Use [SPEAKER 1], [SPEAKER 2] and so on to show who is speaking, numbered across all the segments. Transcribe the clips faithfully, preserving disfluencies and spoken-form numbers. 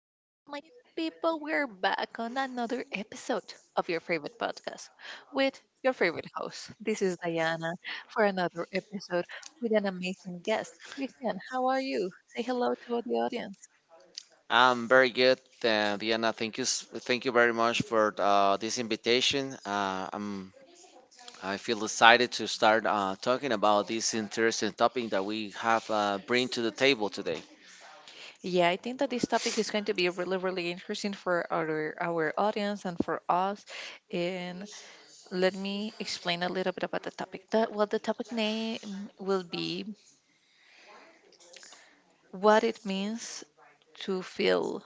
[SPEAKER 1] my people. We're back on another episode of your favorite podcast with your favorite host. This is Diana for another episode with an amazing guest. Christian, how are you? Say hello to the audience.
[SPEAKER 2] I'm very good, uh, Diana. Thank you, s- thank you very much for uh, this invitation. Uh, I'm, I feel excited to start uh, talking about this interesting topic that we have uh, bring to the table today.
[SPEAKER 1] Yeah, I think that this topic is going to be really, really interesting for our our audience and for us. And let me explain a little bit about the topic. The, well, the topic name will be what it means to feel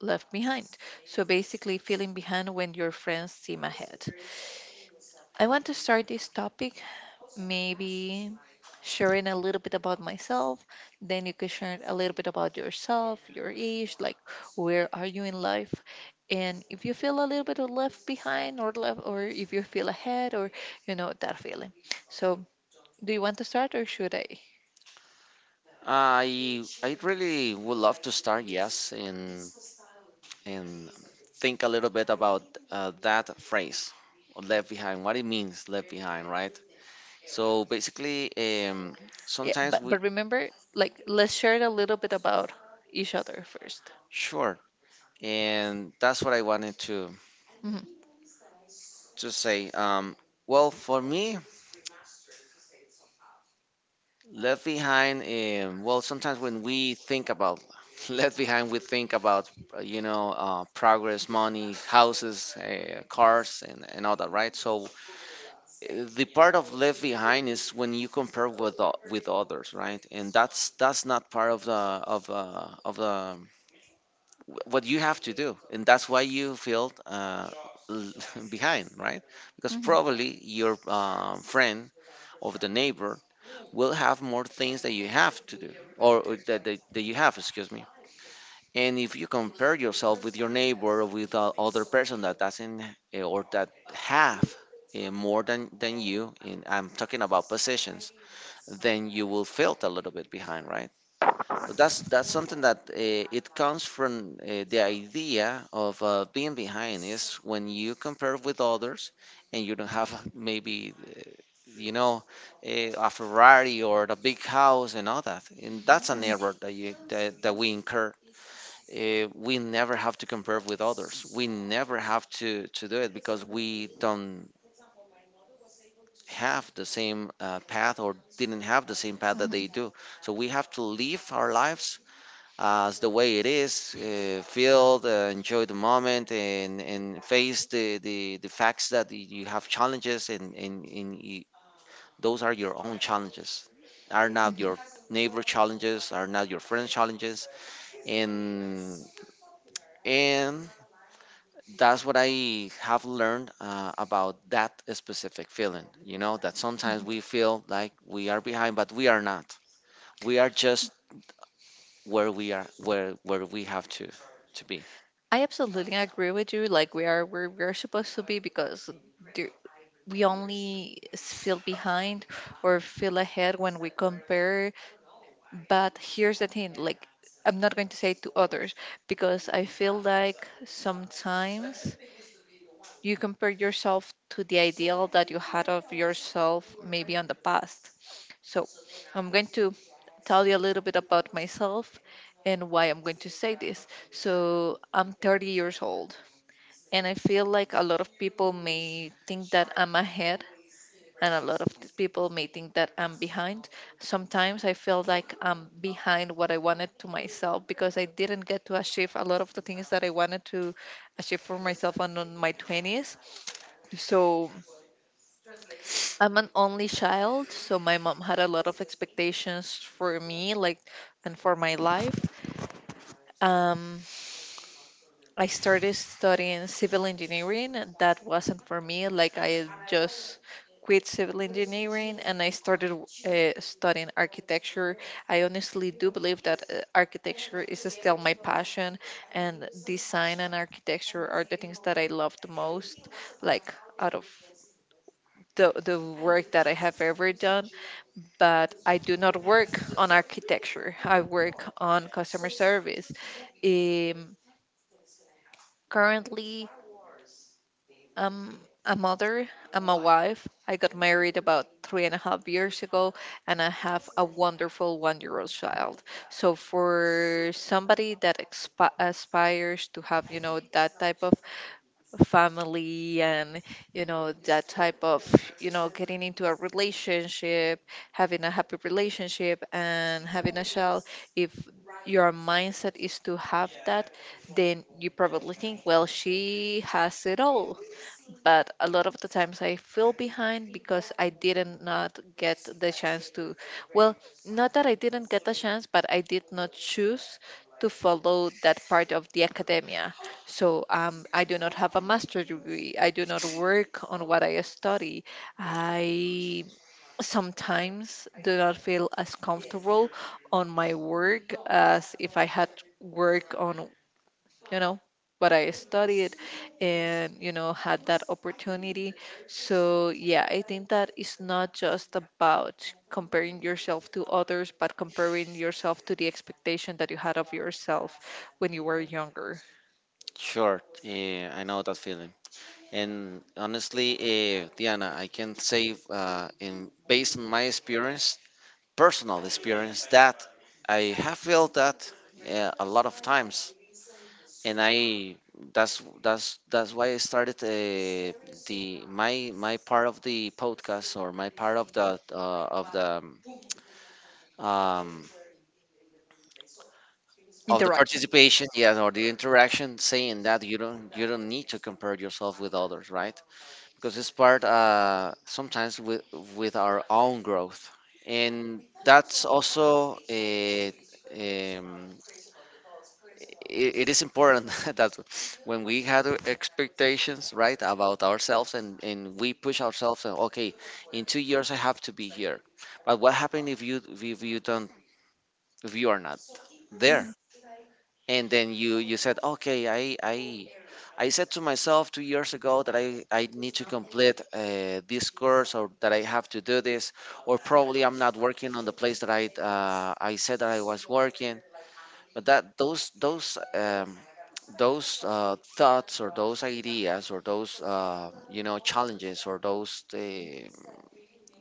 [SPEAKER 1] left behind. So basically, feeling behind when your friends seem ahead. I want to start this topic maybe sharing a little bit about myself. Then you can share a little bit about yourself, your age, like where are you in life, and if you feel a little bit of left behind or left, or if you feel ahead, or you know that feeling. So do you want to start or should I?
[SPEAKER 2] I, I really would love to start, yes, and and think a little bit about uh, that phrase, "left behind." What it means, left behind, right? So basically, um,
[SPEAKER 1] Yeah,
[SPEAKER 2] sometimes
[SPEAKER 1] but
[SPEAKER 2] we.
[SPEAKER 1] but remember, like let's share a little bit about each other first.
[SPEAKER 2] Sure. And that's what I wanted to to say. Um, well, for me, left behind. Um, well, sometimes when we think about left behind, we think about uh, you know uh, progress, money, houses, uh, cars, and, and all that, right? So uh, the part of left behind is when you compare with o- with others, right? And that's that's not part of the of uh, of the what you have to do, and that's why you feel uh, l- behind, right? Because probably your um, friend or the neighbor will have more things that you have to do or or that, that, that you have, excuse me, and if you compare yourself with your neighbor or with a other person that doesn't eh, or that have eh, more than than you, and I'm talking about positions, then you will feel a little bit behind, right? So that's that's something that uh, it comes from uh, the idea of uh, being behind is when you compare with others, and you don't have a- maybe uh, you know eh, a Ferrari or the big house and all that. And that's an error that you that, that we incur. Eh, we never have to compare with others. We never have to to do it, because we don't have the same uh, path or didn't have the same path that they do. So we have to live our lives as the way it is, uh, feel, the, enjoy the moment, and and face the the, the facts that y- you have challenges, and and, and you, those are your own challenges, are not your neighbor challenges, are not your friend challenges, and and that's what I have learned uh, about that specific feeling. You know that sometimes we feel like we are behind, but we are not. We are just where we are, where where we have to to be.
[SPEAKER 1] I absolutely agree with you. Like we are, where we're supposed to be because there- we only s- feel behind or feel ahead when we compare. But here's the thing: like I'm not going to say to others because I feel like sometimes you compare yourself to the ideal that you had of yourself maybe on the past. So I'm going to tell you a little bit about myself and why I'm going to say this. So I'm thirty years old. And I feel like a lot of people may think that I'm ahead, and a lot of th- people may think that I'm behind. Sometimes I feel like I'm behind what I wanted to myself because I didn't get to achieve a lot of the things that I wanted to achieve for myself on on my twenties. So I'm an only child, so my mom had a lot of expectations for me, like, and for my life. Um, I started studying civil engineering. And That wasn't for me. Like I just quit civil engineering and I started uh, studying architecture. I honestly do believe that uh, architecture is still my passion, and design and architecture are the things that I love the most. Like out of the, the work that I have ever done, but I do not work on architecture. I work on customer service. Um, currently, I'm a mother, I'm a wife. I got married about three and a half years ago, and I have a wonderful one year old child. So, for somebody that expi- aspires to have, you know, that type of family and, you know, that type of, you know, getting into a relationship, having a happy relationship, and having a child, if your mindset is to have that, then you probably think, well, she has it all. But a lot of the times I feel behind because I didn't not get the chance to, well, not that I didn't get the chance, but I did not choose to follow that part of the academia. So um, I do not have a master's degree. I do not work on what I study. I sometimes do not feel as comfortable on my work as if I had work on, you know, but I studied and, you know, had that opportunity. So yeah, I think that it's not just about comparing yourself to others but comparing yourself to the expectation that you had of yourself when you were younger.
[SPEAKER 2] Sure, eh, I know that feeling. And honestly, eh, Diana, I can say, uh, in based on my experience, personal experience, that I have felt that uh, a lot of times, and I that's that's that's why I started uh, the my my part of the podcast, or my part of the uh, of the um, of the
[SPEAKER 1] Interaction.
[SPEAKER 2] participation, yeah, or the interaction, saying that you don't you don't need to compare yourself with others, right? Because it's part uh, sometimes with with our own growth, and that's also a, um, it, it is important that when we had expectations, right, about ourselves, and and we push ourselves and okay, in two years I have to be here, but what happened if you if you don't, if you are not there?
[SPEAKER 1] Mhm,
[SPEAKER 2] And then you you said, okay, i i i said to myself two years ago that i i need to complete uh, this course, or that I have to do this, or probably I'm not working on the place that i uh, I said that I was working. But that those those um those uh, thoughts, or those ideas, or those uh, you know, challenges, or those uh,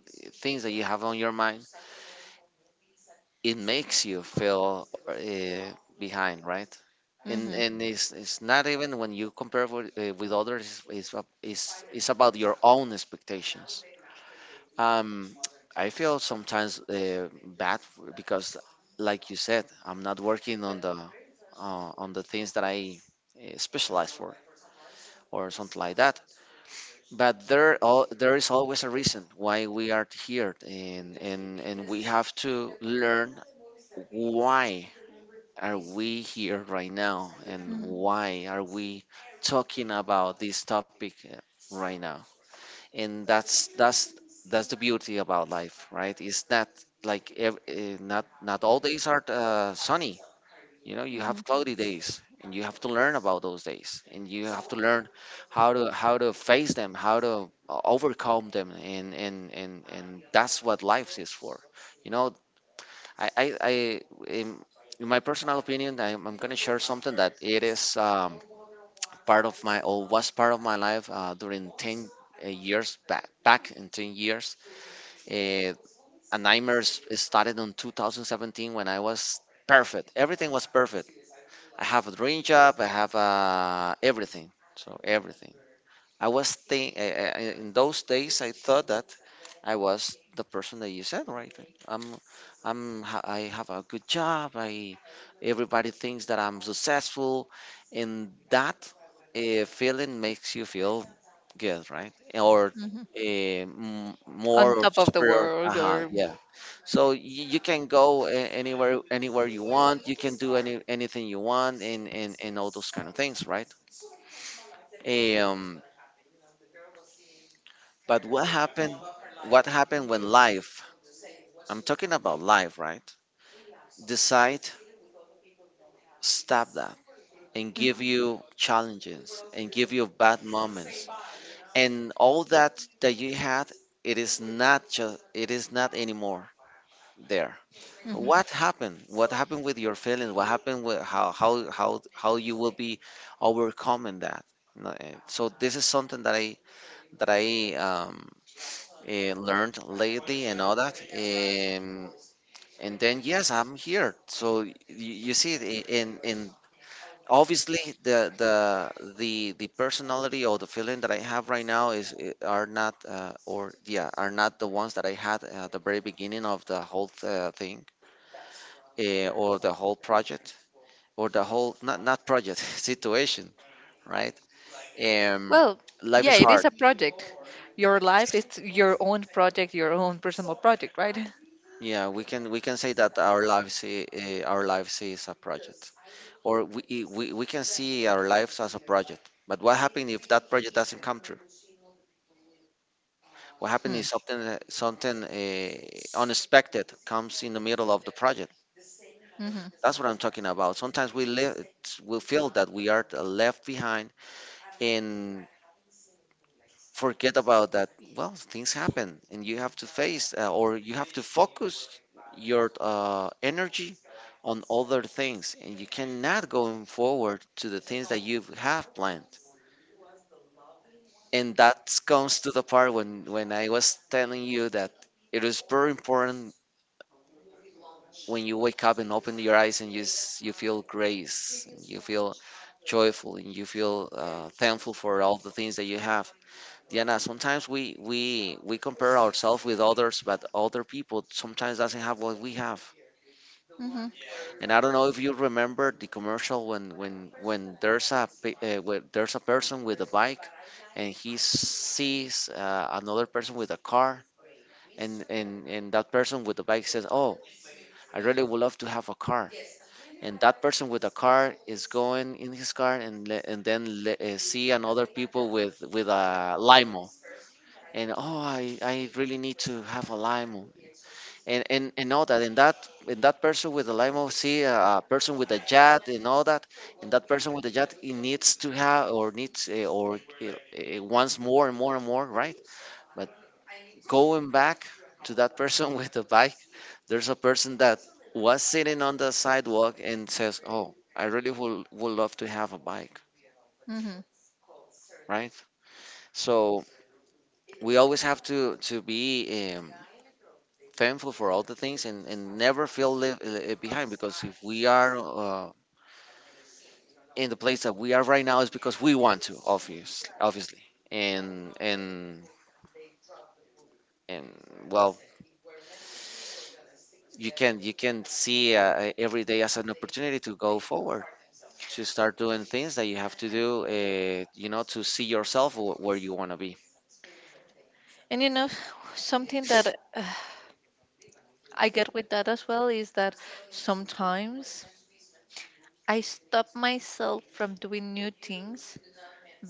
[SPEAKER 2] things that you have on your mind, it makes you feel uh, behind, right? And
[SPEAKER 1] mhm,
[SPEAKER 2] and it's it's not even when you compare with, uh, with others. It's, ab- it's it's about your own expectations. Um, I feel sometimes uh, bad for- because, like you said, I'm not working on the uh, on the things that I uh, specialize for, or something like that. But there all, there is always a reason why we are here, and and and we have to learn why are we here right now, and
[SPEAKER 1] mhm,
[SPEAKER 2] why are we talking about this topic uh, right now. And that's that's that's the beauty about life, right? It's not like ev- eh, not not all days are uh, sunny. You know, you
[SPEAKER 1] mhm,
[SPEAKER 2] have cloudy days, and you have to learn about those days, and you have to learn how to how to face them, how to uh, overcome them, and and and, and that's what life is for, you know. I, I, I in, in my personal opinion, I'm, I'm gonna share something that it is um, part of my, or was part of my life uh, during ten uh, years, back back in ten years. Uh, a nightmare s- started in twenty seventeen, when I was perfect. Everything was perfect. I have a dream job. I have uh, everything. So everything. I was think, I, I, I- in those days I thought that I was the person that you said, right? I'm, I'm, ha- I have a good job. I, everybody thinks that I'm successful, and that uh, feeling makes you feel good, right? Or
[SPEAKER 1] mhm.
[SPEAKER 2] uh, m-
[SPEAKER 1] On
[SPEAKER 2] more or
[SPEAKER 1] top of the
[SPEAKER 2] superior.
[SPEAKER 1] world
[SPEAKER 2] Uh-huh,
[SPEAKER 1] or.
[SPEAKER 2] yeah. So you, you can go a- anywhere, anywhere you want. You can do any anything you want, and and and all those kind of things, right? Eh, Um but what happened? What happened when life, I'm talking about life, right? Decide, stop that, and give
[SPEAKER 1] Mhm,
[SPEAKER 2] you challenges and give you bad moments. And all that that you had, it is not just, it is not anymore there.
[SPEAKER 1] mhm.
[SPEAKER 2] What happened? What happened with your feelings? What happened with how how how how you will be overcoming that? No, eh, so this is something that I that I um, uh, learned lately and all that. Um, And then yes, I'm here. So you, you see, it I- in in obviously, the the the the personality, or the feeling that I have right now is i- are not, uh, or, yeah, are not the ones that I had at the very beginning of the whole uh, thing, uh, or the whole project, or the whole not not project situation, right? Um,
[SPEAKER 1] Well,
[SPEAKER 2] life
[SPEAKER 1] yeah,
[SPEAKER 2] is
[SPEAKER 1] it is
[SPEAKER 2] hard.
[SPEAKER 1] a project. Your life is your own project, your own personal project, right?
[SPEAKER 2] Yeah, we can we can say that our lives i- eh, our lives is a project. Or we, we, we can see our lives as a project. But what happens if that project doesn't come true? What happens
[SPEAKER 1] Hmm.
[SPEAKER 2] if something uh, something uh, unexpected comes in the middle of the project? That's what I'm talking about. Sometimes we live, we feel that we are uh, left behind, and forget about that. Well, things happen, and you have to face uh, or you have to focus your uh, energy on other things, and you cannot go forward to the things that you have planned. And that comes to the part when when I was telling you that it is very important. When you wake up and open your eyes, and you s- you feel grace, and you feel joyful, and you feel uh, thankful for all the things that you have. Diana, sometimes we we we compare ourselves with others, but other people sometimes doesn't have what we have.
[SPEAKER 1] Hmm.
[SPEAKER 2] And I don't know if you remember the commercial, when when when there's a pe- uh, when there's a person with a bike, and he sees uh, another person with a car, and and and that person with the bike says, oh, I really would love to have a car. And that person with a car is going in his car, and le- and then le- uh, see another people with with a limo, and oh, i i really need to have a limo. And and and all that, and that and that person with a limo see a, a person with a jet and all that. And that person with a jet, he needs to have, or needs, uh, or uh, uh, wants more and more and more, right? But, going back to that person with the bike, there's a person that was sitting on the sidewalk, and says, "Oh, I really would would love to have a bike,"
[SPEAKER 1] Hmm.
[SPEAKER 2] right? So we always have to to be um, thankful for all the things, and, and never feel li- li- behind, because if we are uh, in the place that we are right now, it's because we want to, obviously, obviously, and and and well, you can you can see uh, every day as an opportunity to go forward. To start doing things that you have to do, uh, you know, to see yourself wh- where you want to be.
[SPEAKER 1] And you know, something that uh, I get with that as well is that sometimes I stop myself from doing new things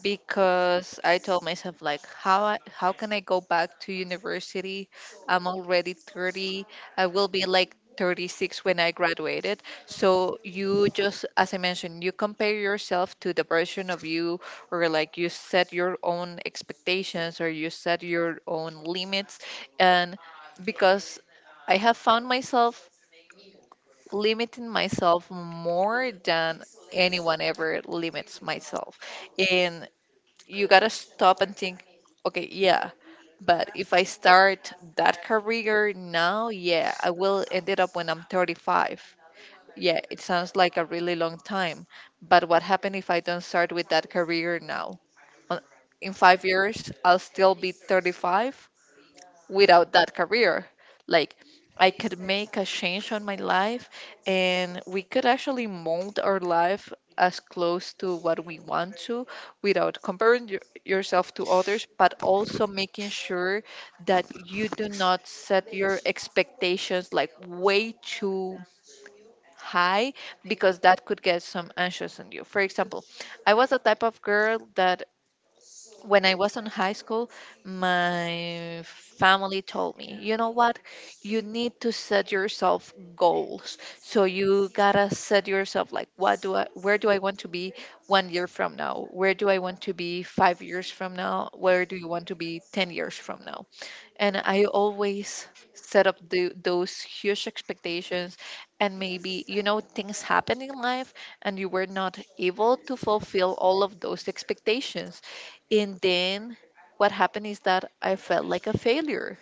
[SPEAKER 1] because I told myself like how I, how can I go back to university? I'm already thirty. I will be like thirty-six when I graduated. So you, just as I mentioned, you compare yourself to the version of you or like you set your own expectations or you set your own limits. And because I have found myself limiting myself more than anyone ever limits myself. And you gotta stop and think, okay, yeah, but if I start that career now, yeah, I will end it up when I'm thirty-five. Yeah, it sounds like a really long time, but what happened if I don't start with that career now? On- In five years, I'll still be thirty-five without that career. Like I could make a change on my life, and we could actually mold our life as close to what we want to, without comparing your, yourself to others, but also making sure that you do not set your expectations like way too high, because that could get some anxious on you. For example, I was a type of girl that when I was in high school, my family told me, you know what? You need to set yourself goals. So you gotta set yourself like, what do I, where do I want to be one year from now? Where do I want to be five years from now? Where do you want to be ten years from now? And I always set up the, those huge expectations, and maybe, you know, things happen in life and you were not able to fulfill all of those expectations. And then what happened is that I felt like a failure.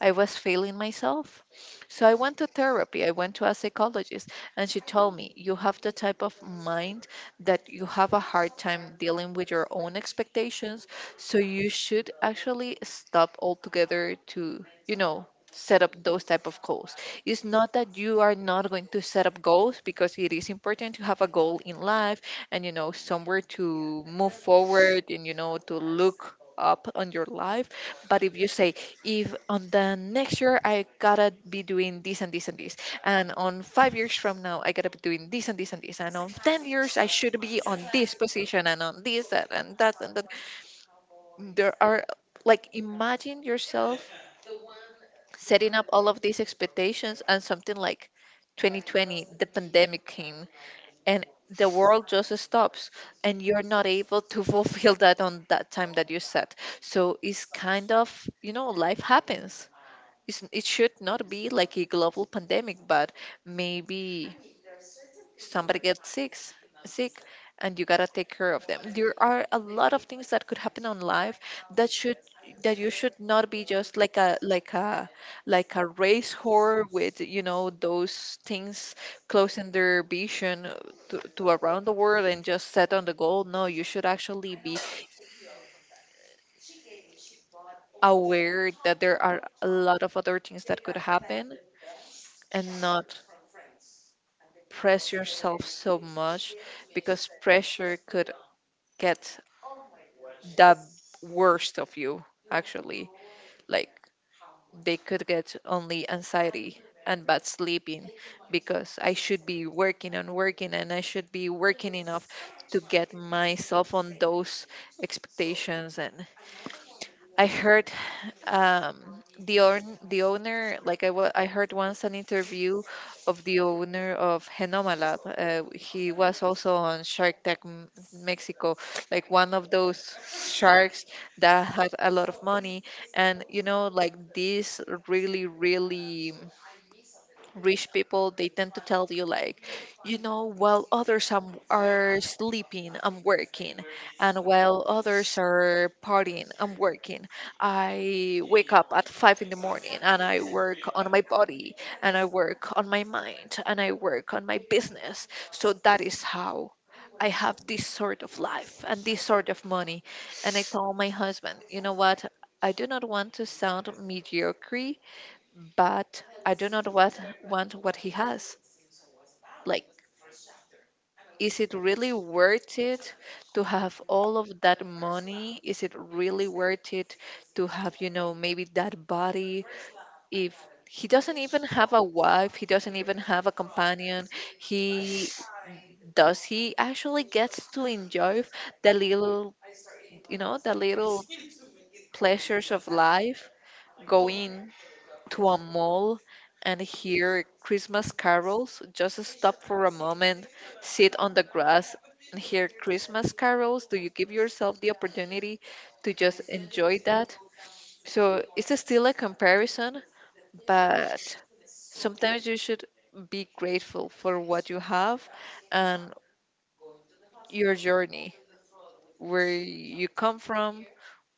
[SPEAKER 1] I was failing myself. So I went to therapy, I went to a psychologist, and she told me, you have the type of mind that you have a hard time dealing with your own expectations. So you should actually stop altogether to, you know, set up those type of goals. It's not that you are not going to set up goals, because it is important to have a goal in life and, you know, somewhere to move forward and, you know, to look up on your life. But if you say, if on the next year I gotta be doing this and this and this, and on five years from now I gotta be doing this and this and this, and on ten years I should be on this position and on this, that, and that, and that. There are, like, imagine yourself setting up all of these expectations and something like twenty twenty the pandemic came, and the world just stops, and you're not able to fulfill that on that time that you set. So it's kind of, you know, life happens. It's, it should not be like a global pandemic, but maybe somebody gets sick, sick, and you gotta take care of them. There are a lot of things that could happen on life that should, that you should not be just like a like a like a race whore with, you know, those things closing their vision to, to around the world and just set on the goal. No, you should actually be aware that there are a lot of other things that could happen, and not press yourself so much, because pressure could get the worst of you, actually. Like, they could get only anxiety and bad sleeping because I should be working and working and I should be working enough to get myself on those expectations. And I heard um the own the owner, like I wa- I heard once an interview of the owner of Genoma Lab. Uh, he was also on Shark Tank M- Mexico, like one of those sharks that had a lot of money. And you know, like this really, really rich people, they tend to tell you like, you know, while others am- are sleeping, I'm working, and while others are partying, I'm working. I wake up at five in the morning and I work on my body, and I work on my mind, and I work on my business. So that is how I have this sort of life and this sort of money. And I told my husband, you know what? I do not want to sound mediocre, but I do not what, want what he has. Like, is it really worth it to have all of that money? Is it really worth it to have, you know, maybe that body? If he doesn't even have a wife, he doesn't even have a companion, he, does he actually gets to enjoy the little, you know, the little pleasures of life? Going to a mall and hear Christmas carols, just stop for a moment, sit on the grass and hear Christmas carols? Do you give yourself the opportunity to just enjoy that? So it's still a comparison, but sometimes you should be grateful for what you have and your journey, where you come from,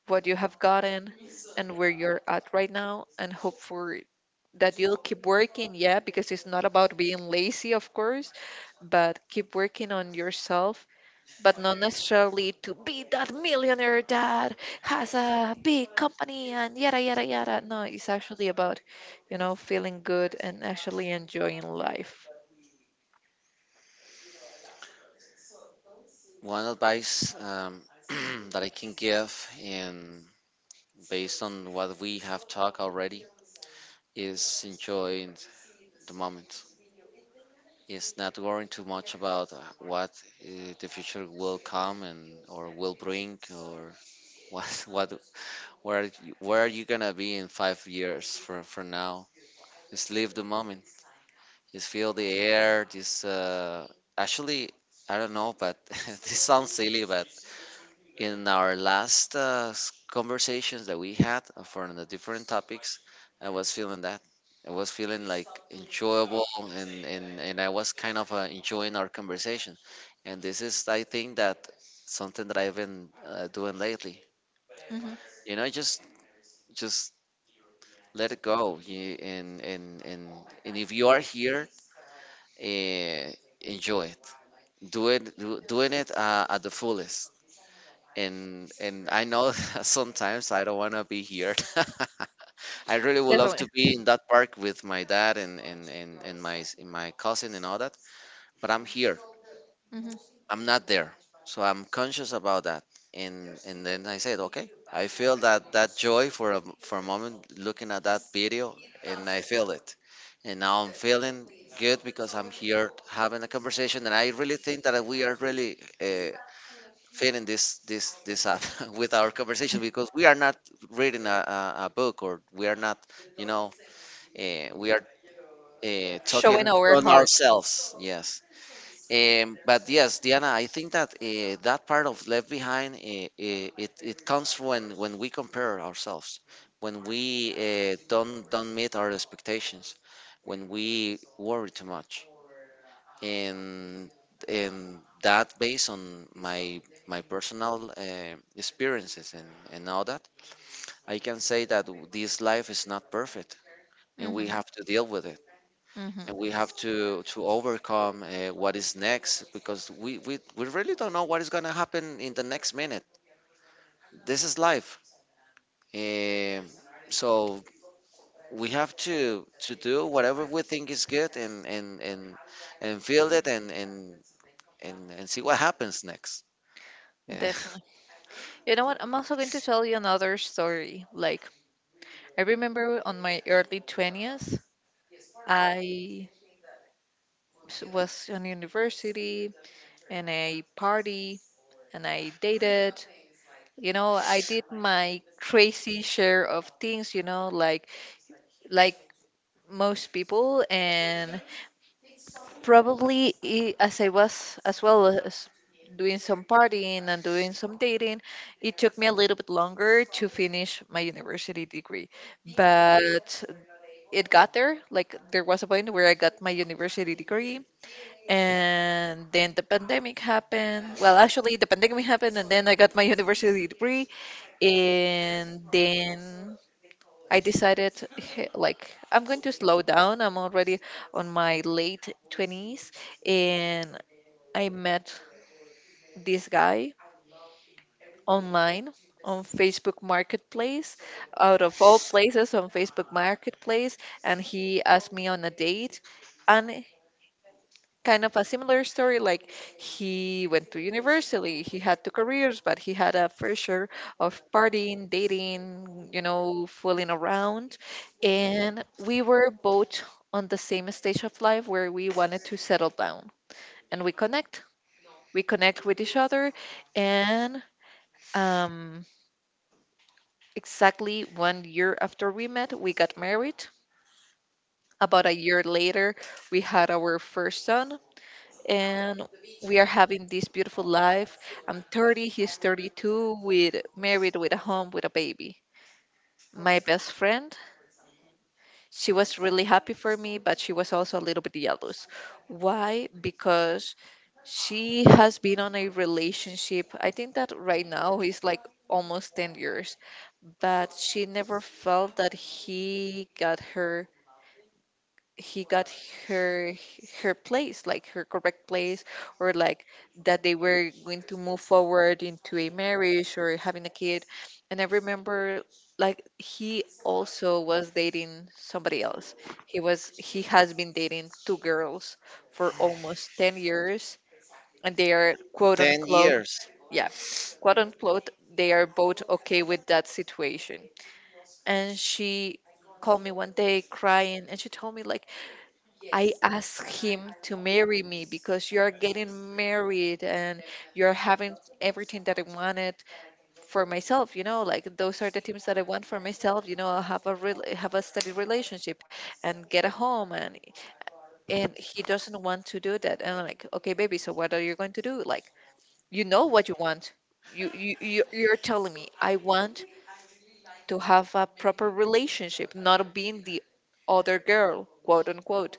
[SPEAKER 1] what you have gotten, and where you're at right now, and hope for that you'll keep working, yeah, because it's not about being lazy, of course, but keep working on yourself, but not necessarily to be that millionaire that has a big company and yada, yada, yada. No, it's actually about, you know, feeling good and actually enjoying life.
[SPEAKER 2] One advice, um, that I can give, and based on what we have talked already, is enjoying the moment. Is not worrying too much about uh, what uh, the future will come and, or will bring, or what what, where you- where are you gonna be in five years from from now. Just live the moment. Just feel the air. This uh, actually, I don't know, but this sounds silly, but in our last uh, s- conversations that we had uh, for the different topics, I was feeling that. I was feeling like enjoyable, and and and I was kind of uh, enjoying our conversation. And this is, I think, that something that I've been uh, doing lately.
[SPEAKER 1] Hmm.
[SPEAKER 2] You know, just just let it go. You, and and and and if you are here, uh, enjoy it, doing do, doing it uh, at the fullest. And and I know sometimes I don't want to be here. I really would love to
[SPEAKER 1] Definitely.
[SPEAKER 2] be in that park with my dad and and and, and my s- my cousin and all that, but I'm here.
[SPEAKER 1] Hmm.
[SPEAKER 2] I'm not there, so I'm conscious about that. And and then I said, okay, I feel that that joy for a for a moment looking at that video, and I feel it. And now I'm feeling good because I'm here having a conversation, and I really think that we are really uh, fitting this this this up with our conversation because we are not reading a, a, a book, or we are not, you know, uh, we are uh,
[SPEAKER 1] Showing
[SPEAKER 2] talking
[SPEAKER 1] our
[SPEAKER 2] from
[SPEAKER 1] hearts.
[SPEAKER 2] ourselves. Yes. Um, but yes, Diana, I think that uh, that part of left behind, uh, uh, it, it comes when when we compare ourselves, when we uh, don't don't meet our expectations, when we worry too much. and and that, based on my my personal uh, experiences and and all that, I can say that w- this life is not perfect, and we
[SPEAKER 1] Hmm.
[SPEAKER 2] have to deal with it. And we
[SPEAKER 1] Hmm.
[SPEAKER 2] have to to overcome uh, what is next, because we, we we really don't know what is going to happen in the next minute. This is life. Um so we have to to do whatever we think is good, and and and and feel it, and and and, and see what happens next. Eh,
[SPEAKER 1] Definitely. You know what? I'm also going to tell you another story. Like, I remember on my early twenties, I s- was on university and I party and I dated. You know, I did my crazy share of things, you know, like like most people, and probably i- as I was, as well as doing some partying and doing some dating, it took me a little bit longer to finish my university degree. But it got there. Like, there was a point where I got my university degree, and then the pandemic happened. Well, actually, the pandemic happened and then I got my university degree, and then I decided, "Hey, like I'm going to slow down. I'm already on my late twenties." And I met this guy online on Facebook Marketplace, out of all places, on Facebook Marketplace, and he asked me on a date. And kind of a similar story. Like, he went to university, he had two careers, but he had a pressure of partying, dating, you know, fooling around. And we were both on the same stage of life where we wanted to settle down, and we connect. We connect with each other. And um, exactly one year after we met, we got married. About a year later, we had our first son, and we are having this beautiful life. I'm thirty, he's thirty-two, with married, with a home, with a baby. My best friend, she was really happy for me, but she was also a little bit jealous. Why? Because she has been on a relationship. I think that right now is like almost ten years, but she never felt that he got her, he got her her place, like her correct place, or like that they were going to move forward into a marriage or having a kid. And I remember, like, he also was dating somebody else. He was, he has been dating two girls for almost ten years, and they are quote
[SPEAKER 2] ten
[SPEAKER 1] unquote,
[SPEAKER 2] years.
[SPEAKER 1] yeah, quote unquote, they are both okay with that situation. And she called me one day crying and she told me, like, I asked him to marry me because you're getting married and you're having everything that I wanted for myself, you know, like, those are the things that I want for myself, you know, have a real, have a steady relationship and get a home, and and he doesn't want to do that. And I'm like, okay, baby, so what are you going to do? Like, you know what you want. You you you you're telling me I want to have a proper relationship, not being the other girl, quote unquote,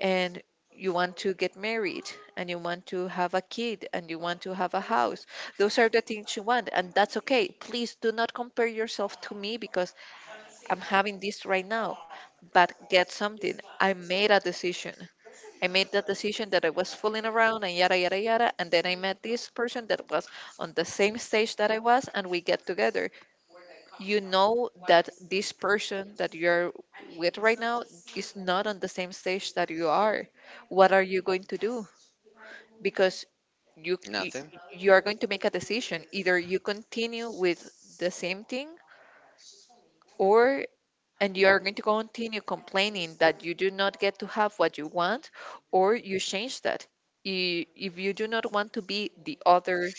[SPEAKER 1] and you want to get married and you want to have a kid and you want to have a house. Those are the things you want, and that's okay. Please do not compare yourself to me because I'm having this right now. But get something. I made a decision. I made that decision that I was fooling around and yada yada yada, and then I met this person that was on the same stage that I was, and we get together. You know that this person that you're with right now is not on the same stage that you are. What are you going to do? Because you you,
[SPEAKER 2] Nothing.
[SPEAKER 1] you are going to make a decision. Either you continue with the same thing, or, and you are going to continue complaining that you do not get to have what you want, or you change that. I- if you do not want to be the other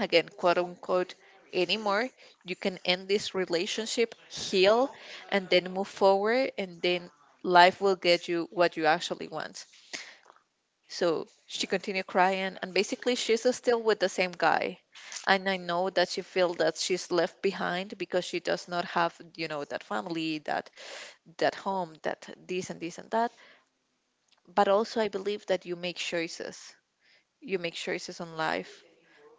[SPEAKER 1] again, quote unquote, anymore. You can end this relationship, heal, and then move forward, and then life will get you what you actually want. So she continued crying, and basically, she's still with the same guy. And I know that she feels that she's left behind because she does not have, you know, that family, that that home, that this and this and that. But also, I believe that you make choices. You make choices on life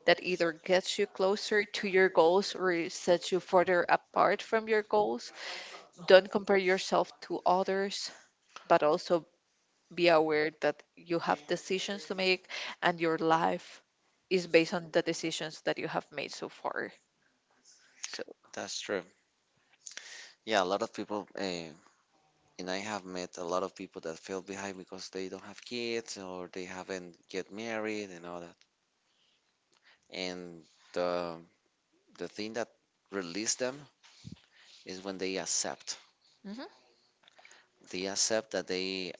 [SPEAKER 1] that either gets you closer to your goals or sets you further apart from your goals. Don't compare yourself to others, but also be aware that you have decisions to make, and your life is based on the decisions that you have made so far. So,
[SPEAKER 2] That's true. Yeah, a lot of people, uh, and I have met a lot of people that fell behind because they don't have kids or they haven't get married and all that. And the the thing that release them is when they accept.
[SPEAKER 1] mhm,
[SPEAKER 2] They accept that they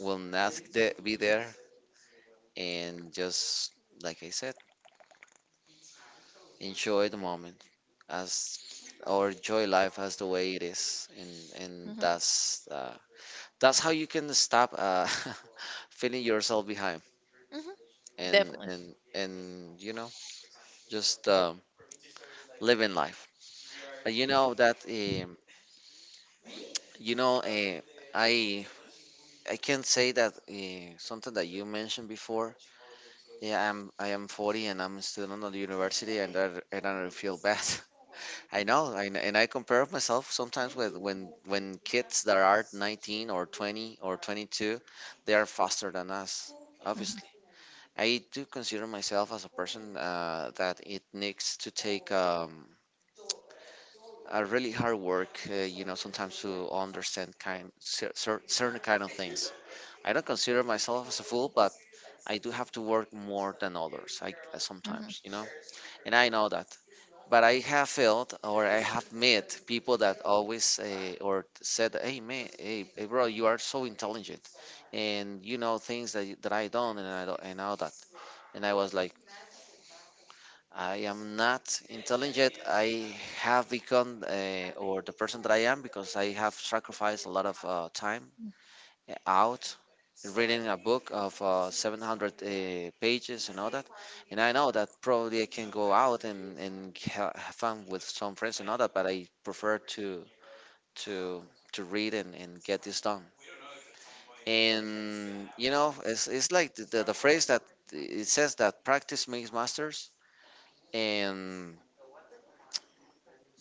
[SPEAKER 2] will not the- be there, and just, like I said, enjoy the moment as, or enjoy life as the way it is, and and
[SPEAKER 1] mhm,
[SPEAKER 2] that's uh, that's how you can stop uh, feeling yourself behind.
[SPEAKER 1] mhm,
[SPEAKER 2] and
[SPEAKER 1] definitely.
[SPEAKER 2] and and you know, just um, living life. But you know that, um, you know uh, i I can say that uh, something that you mentioned before. Yeah, I'm I am forty and I'm still on the university and i, and I feel bad. I know I, and I compare myself sometimes with when when kids that are nineteen or twenty or twenty-two. They are faster than us,
[SPEAKER 1] Mhm,
[SPEAKER 2] obviously. I do consider myself as a person uh, that it needs to take um, a really hard work, uh, you know, sometimes, to understand kind cer- cer- certain kind of things. I don't consider myself as a fool, but I do have to work more than others. I uh,
[SPEAKER 1] mhm,
[SPEAKER 2] Sometimes, you know, and I know that. But I have felt, or I have met, people that always uh, or said, "Hey man, hey, hey bro, you are so intelligent, and you know things that y- that I don't, and I don't, and all that." And I was like, I am not intelligent. I have become, uh, or the person that I am, because I have sacrificed a lot of uh, time out reading a book of uh, seven hundred uh, pages and all that. And I know that probably I can go out and, and ha- have fun with some friends and all that, but I prefer to to to read and, and get this done. And you know, it's, it's like the, the, the phrase that it says that practice makes masters. And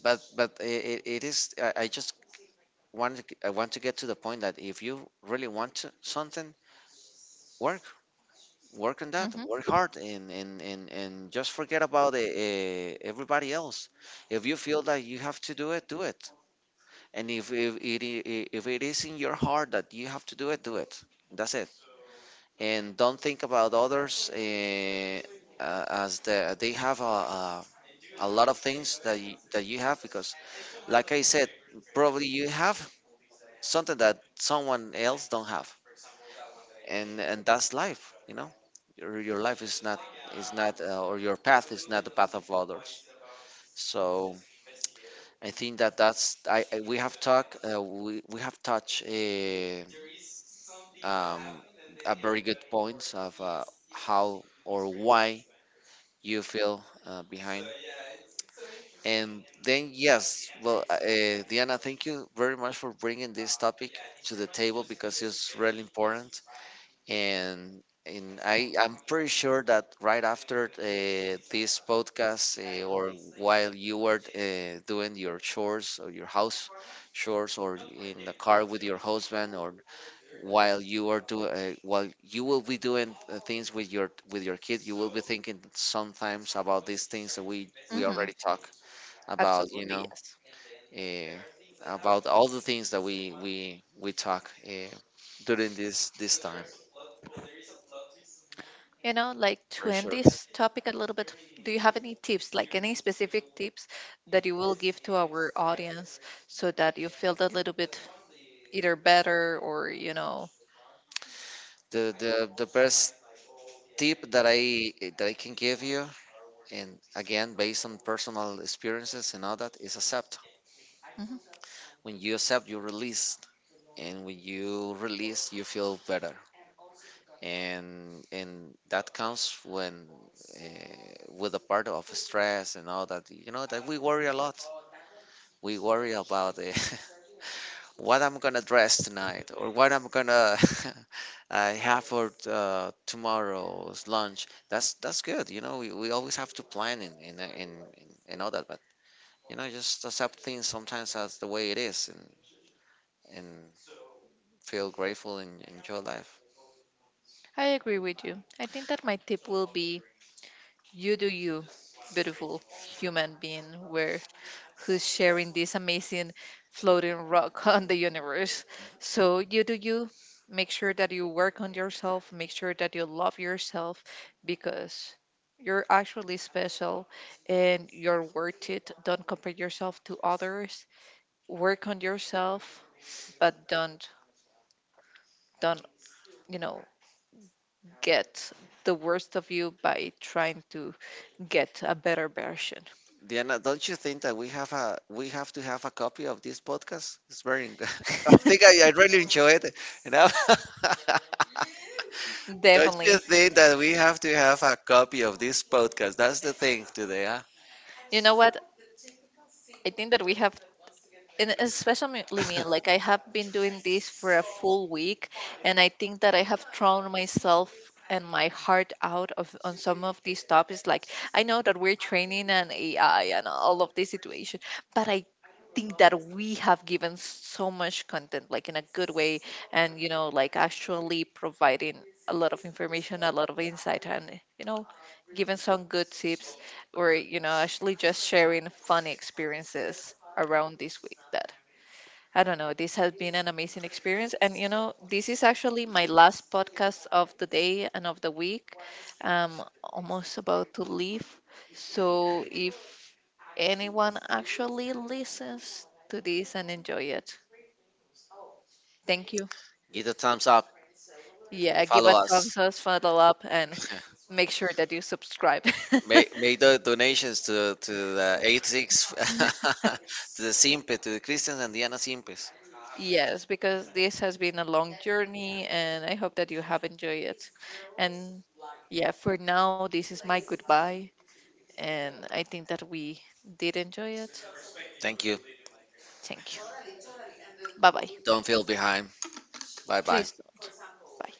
[SPEAKER 2] But but it, it, it is. I, I just want to, I want to get to the point that if you really want to something, work work on that.
[SPEAKER 1] mhm,
[SPEAKER 2] Work hard and and and, and just forget about uh, uh, everybody else. If you feel that you have to do it, do it. And if if it i- if it is in your heart that you have to do it, do it. That's it. And don't think about others, uh, uh, as the, they have a, a a lot of things that you, that you have because, like I said, probably you have something that someone else don't have. And and that's life, you know. Your, your life is not, is not, uh, or your path is not the path of others. So I think that that's, i I- we have talked, uh, we, we have touched a um a very good points of uh, how or why you feel, uh, behind. And then, yes, well, uh, uh, Diana, thank you very much for bringing this topic to the table because it's really important. And and I I'm pretty sure that right after uh, this podcast, uh, or while you were uh, doing your chores or your house chores, or in the car with your husband, or while you are do uh, while you will be doing uh, things with your with your kid, you will be thinking sometimes about these things that we we
[SPEAKER 1] mhm.
[SPEAKER 2] already talk about, you
[SPEAKER 1] Absolutely,
[SPEAKER 2] know,
[SPEAKER 1] yes.
[SPEAKER 2] uh, about all the things that we we we talk uh, during this this time.
[SPEAKER 1] You know, like, to
[SPEAKER 2] For
[SPEAKER 1] end
[SPEAKER 2] sure.
[SPEAKER 1] this topic a little bit, do you have any tips, like any specific tips that you will give to our audience so that you feel a little bit either better or, you know?
[SPEAKER 2] The the the best tip that I that I can give you, and again based on personal experiences and all that, is accept.
[SPEAKER 1] Mhm.
[SPEAKER 2] When you accept, you release, and when you release, you feel better. And and that comes when, uh, with a part of stress and all that. You know that we worry a lot. We worry about it. what I'm gonna dress tonight or what I'm gonna, uh, have for uh, tomorrow's lunch. That's that's good. You know, we, we always have to plan in in, in in in all that, but you know, just accept things sometimes as the way it is, and and feel grateful and enjoy life.
[SPEAKER 1] I agree with you. I think that my tip will be, you do you, beautiful human being, where, who's sharing this amazing floating rock on the universe. So you do you. Make sure that you work on yourself. Make sure that you love yourself because you're actually special and you're worth it. Don't compare yourself to others. Work on yourself, but don't don't you know get the worst of you by trying to get a better version.
[SPEAKER 2] Diana, don't you think that we have a we have to have a copy of this podcast? It's very. I think I, I really enjoy it. You know. Don't you
[SPEAKER 1] Definitely.
[SPEAKER 2] think that we have to have a copy of this podcast? That's the thing today,
[SPEAKER 1] You know what? I think that we have, and especially
[SPEAKER 2] huh?
[SPEAKER 1] me, like, I have been doing this for a full week, and I think that I have thrown myself and my heart out of, on some of these topics. Like, I know that we're training an AI and all of this situation, but I think that we have given so much content, like, in a good way. And, you know, like, actually providing a lot of information, a lot of insight, and, you know, giving some good tips, or, you know, actually just sharing funny experiences around this week that, I don't know, this has been an amazing experience. And you know, this is actually my last podcast of the day and of the week. I'm almost about to leave. So if anyone actually listens to this and enjoy it, thank you.
[SPEAKER 2] Give a thumbs up.
[SPEAKER 1] Yeah, give
[SPEAKER 2] Follow
[SPEAKER 1] a
[SPEAKER 2] us.
[SPEAKER 1] thumbs up, follow up, and make sure that you subscribe.
[SPEAKER 2] Make, make the donations to to the eight six, to the Simpe, to the Christians and Diana Simpes.
[SPEAKER 1] Yes, because this has been a long journey and I hope that you have enjoyed it. And yeah, for now, this is my goodbye. And I think that we did enjoy it.
[SPEAKER 2] Thank you.
[SPEAKER 1] Thank you. Bye bye.
[SPEAKER 2] Don't feel behind. Bye bye.
[SPEAKER 1] Please don't. Bye.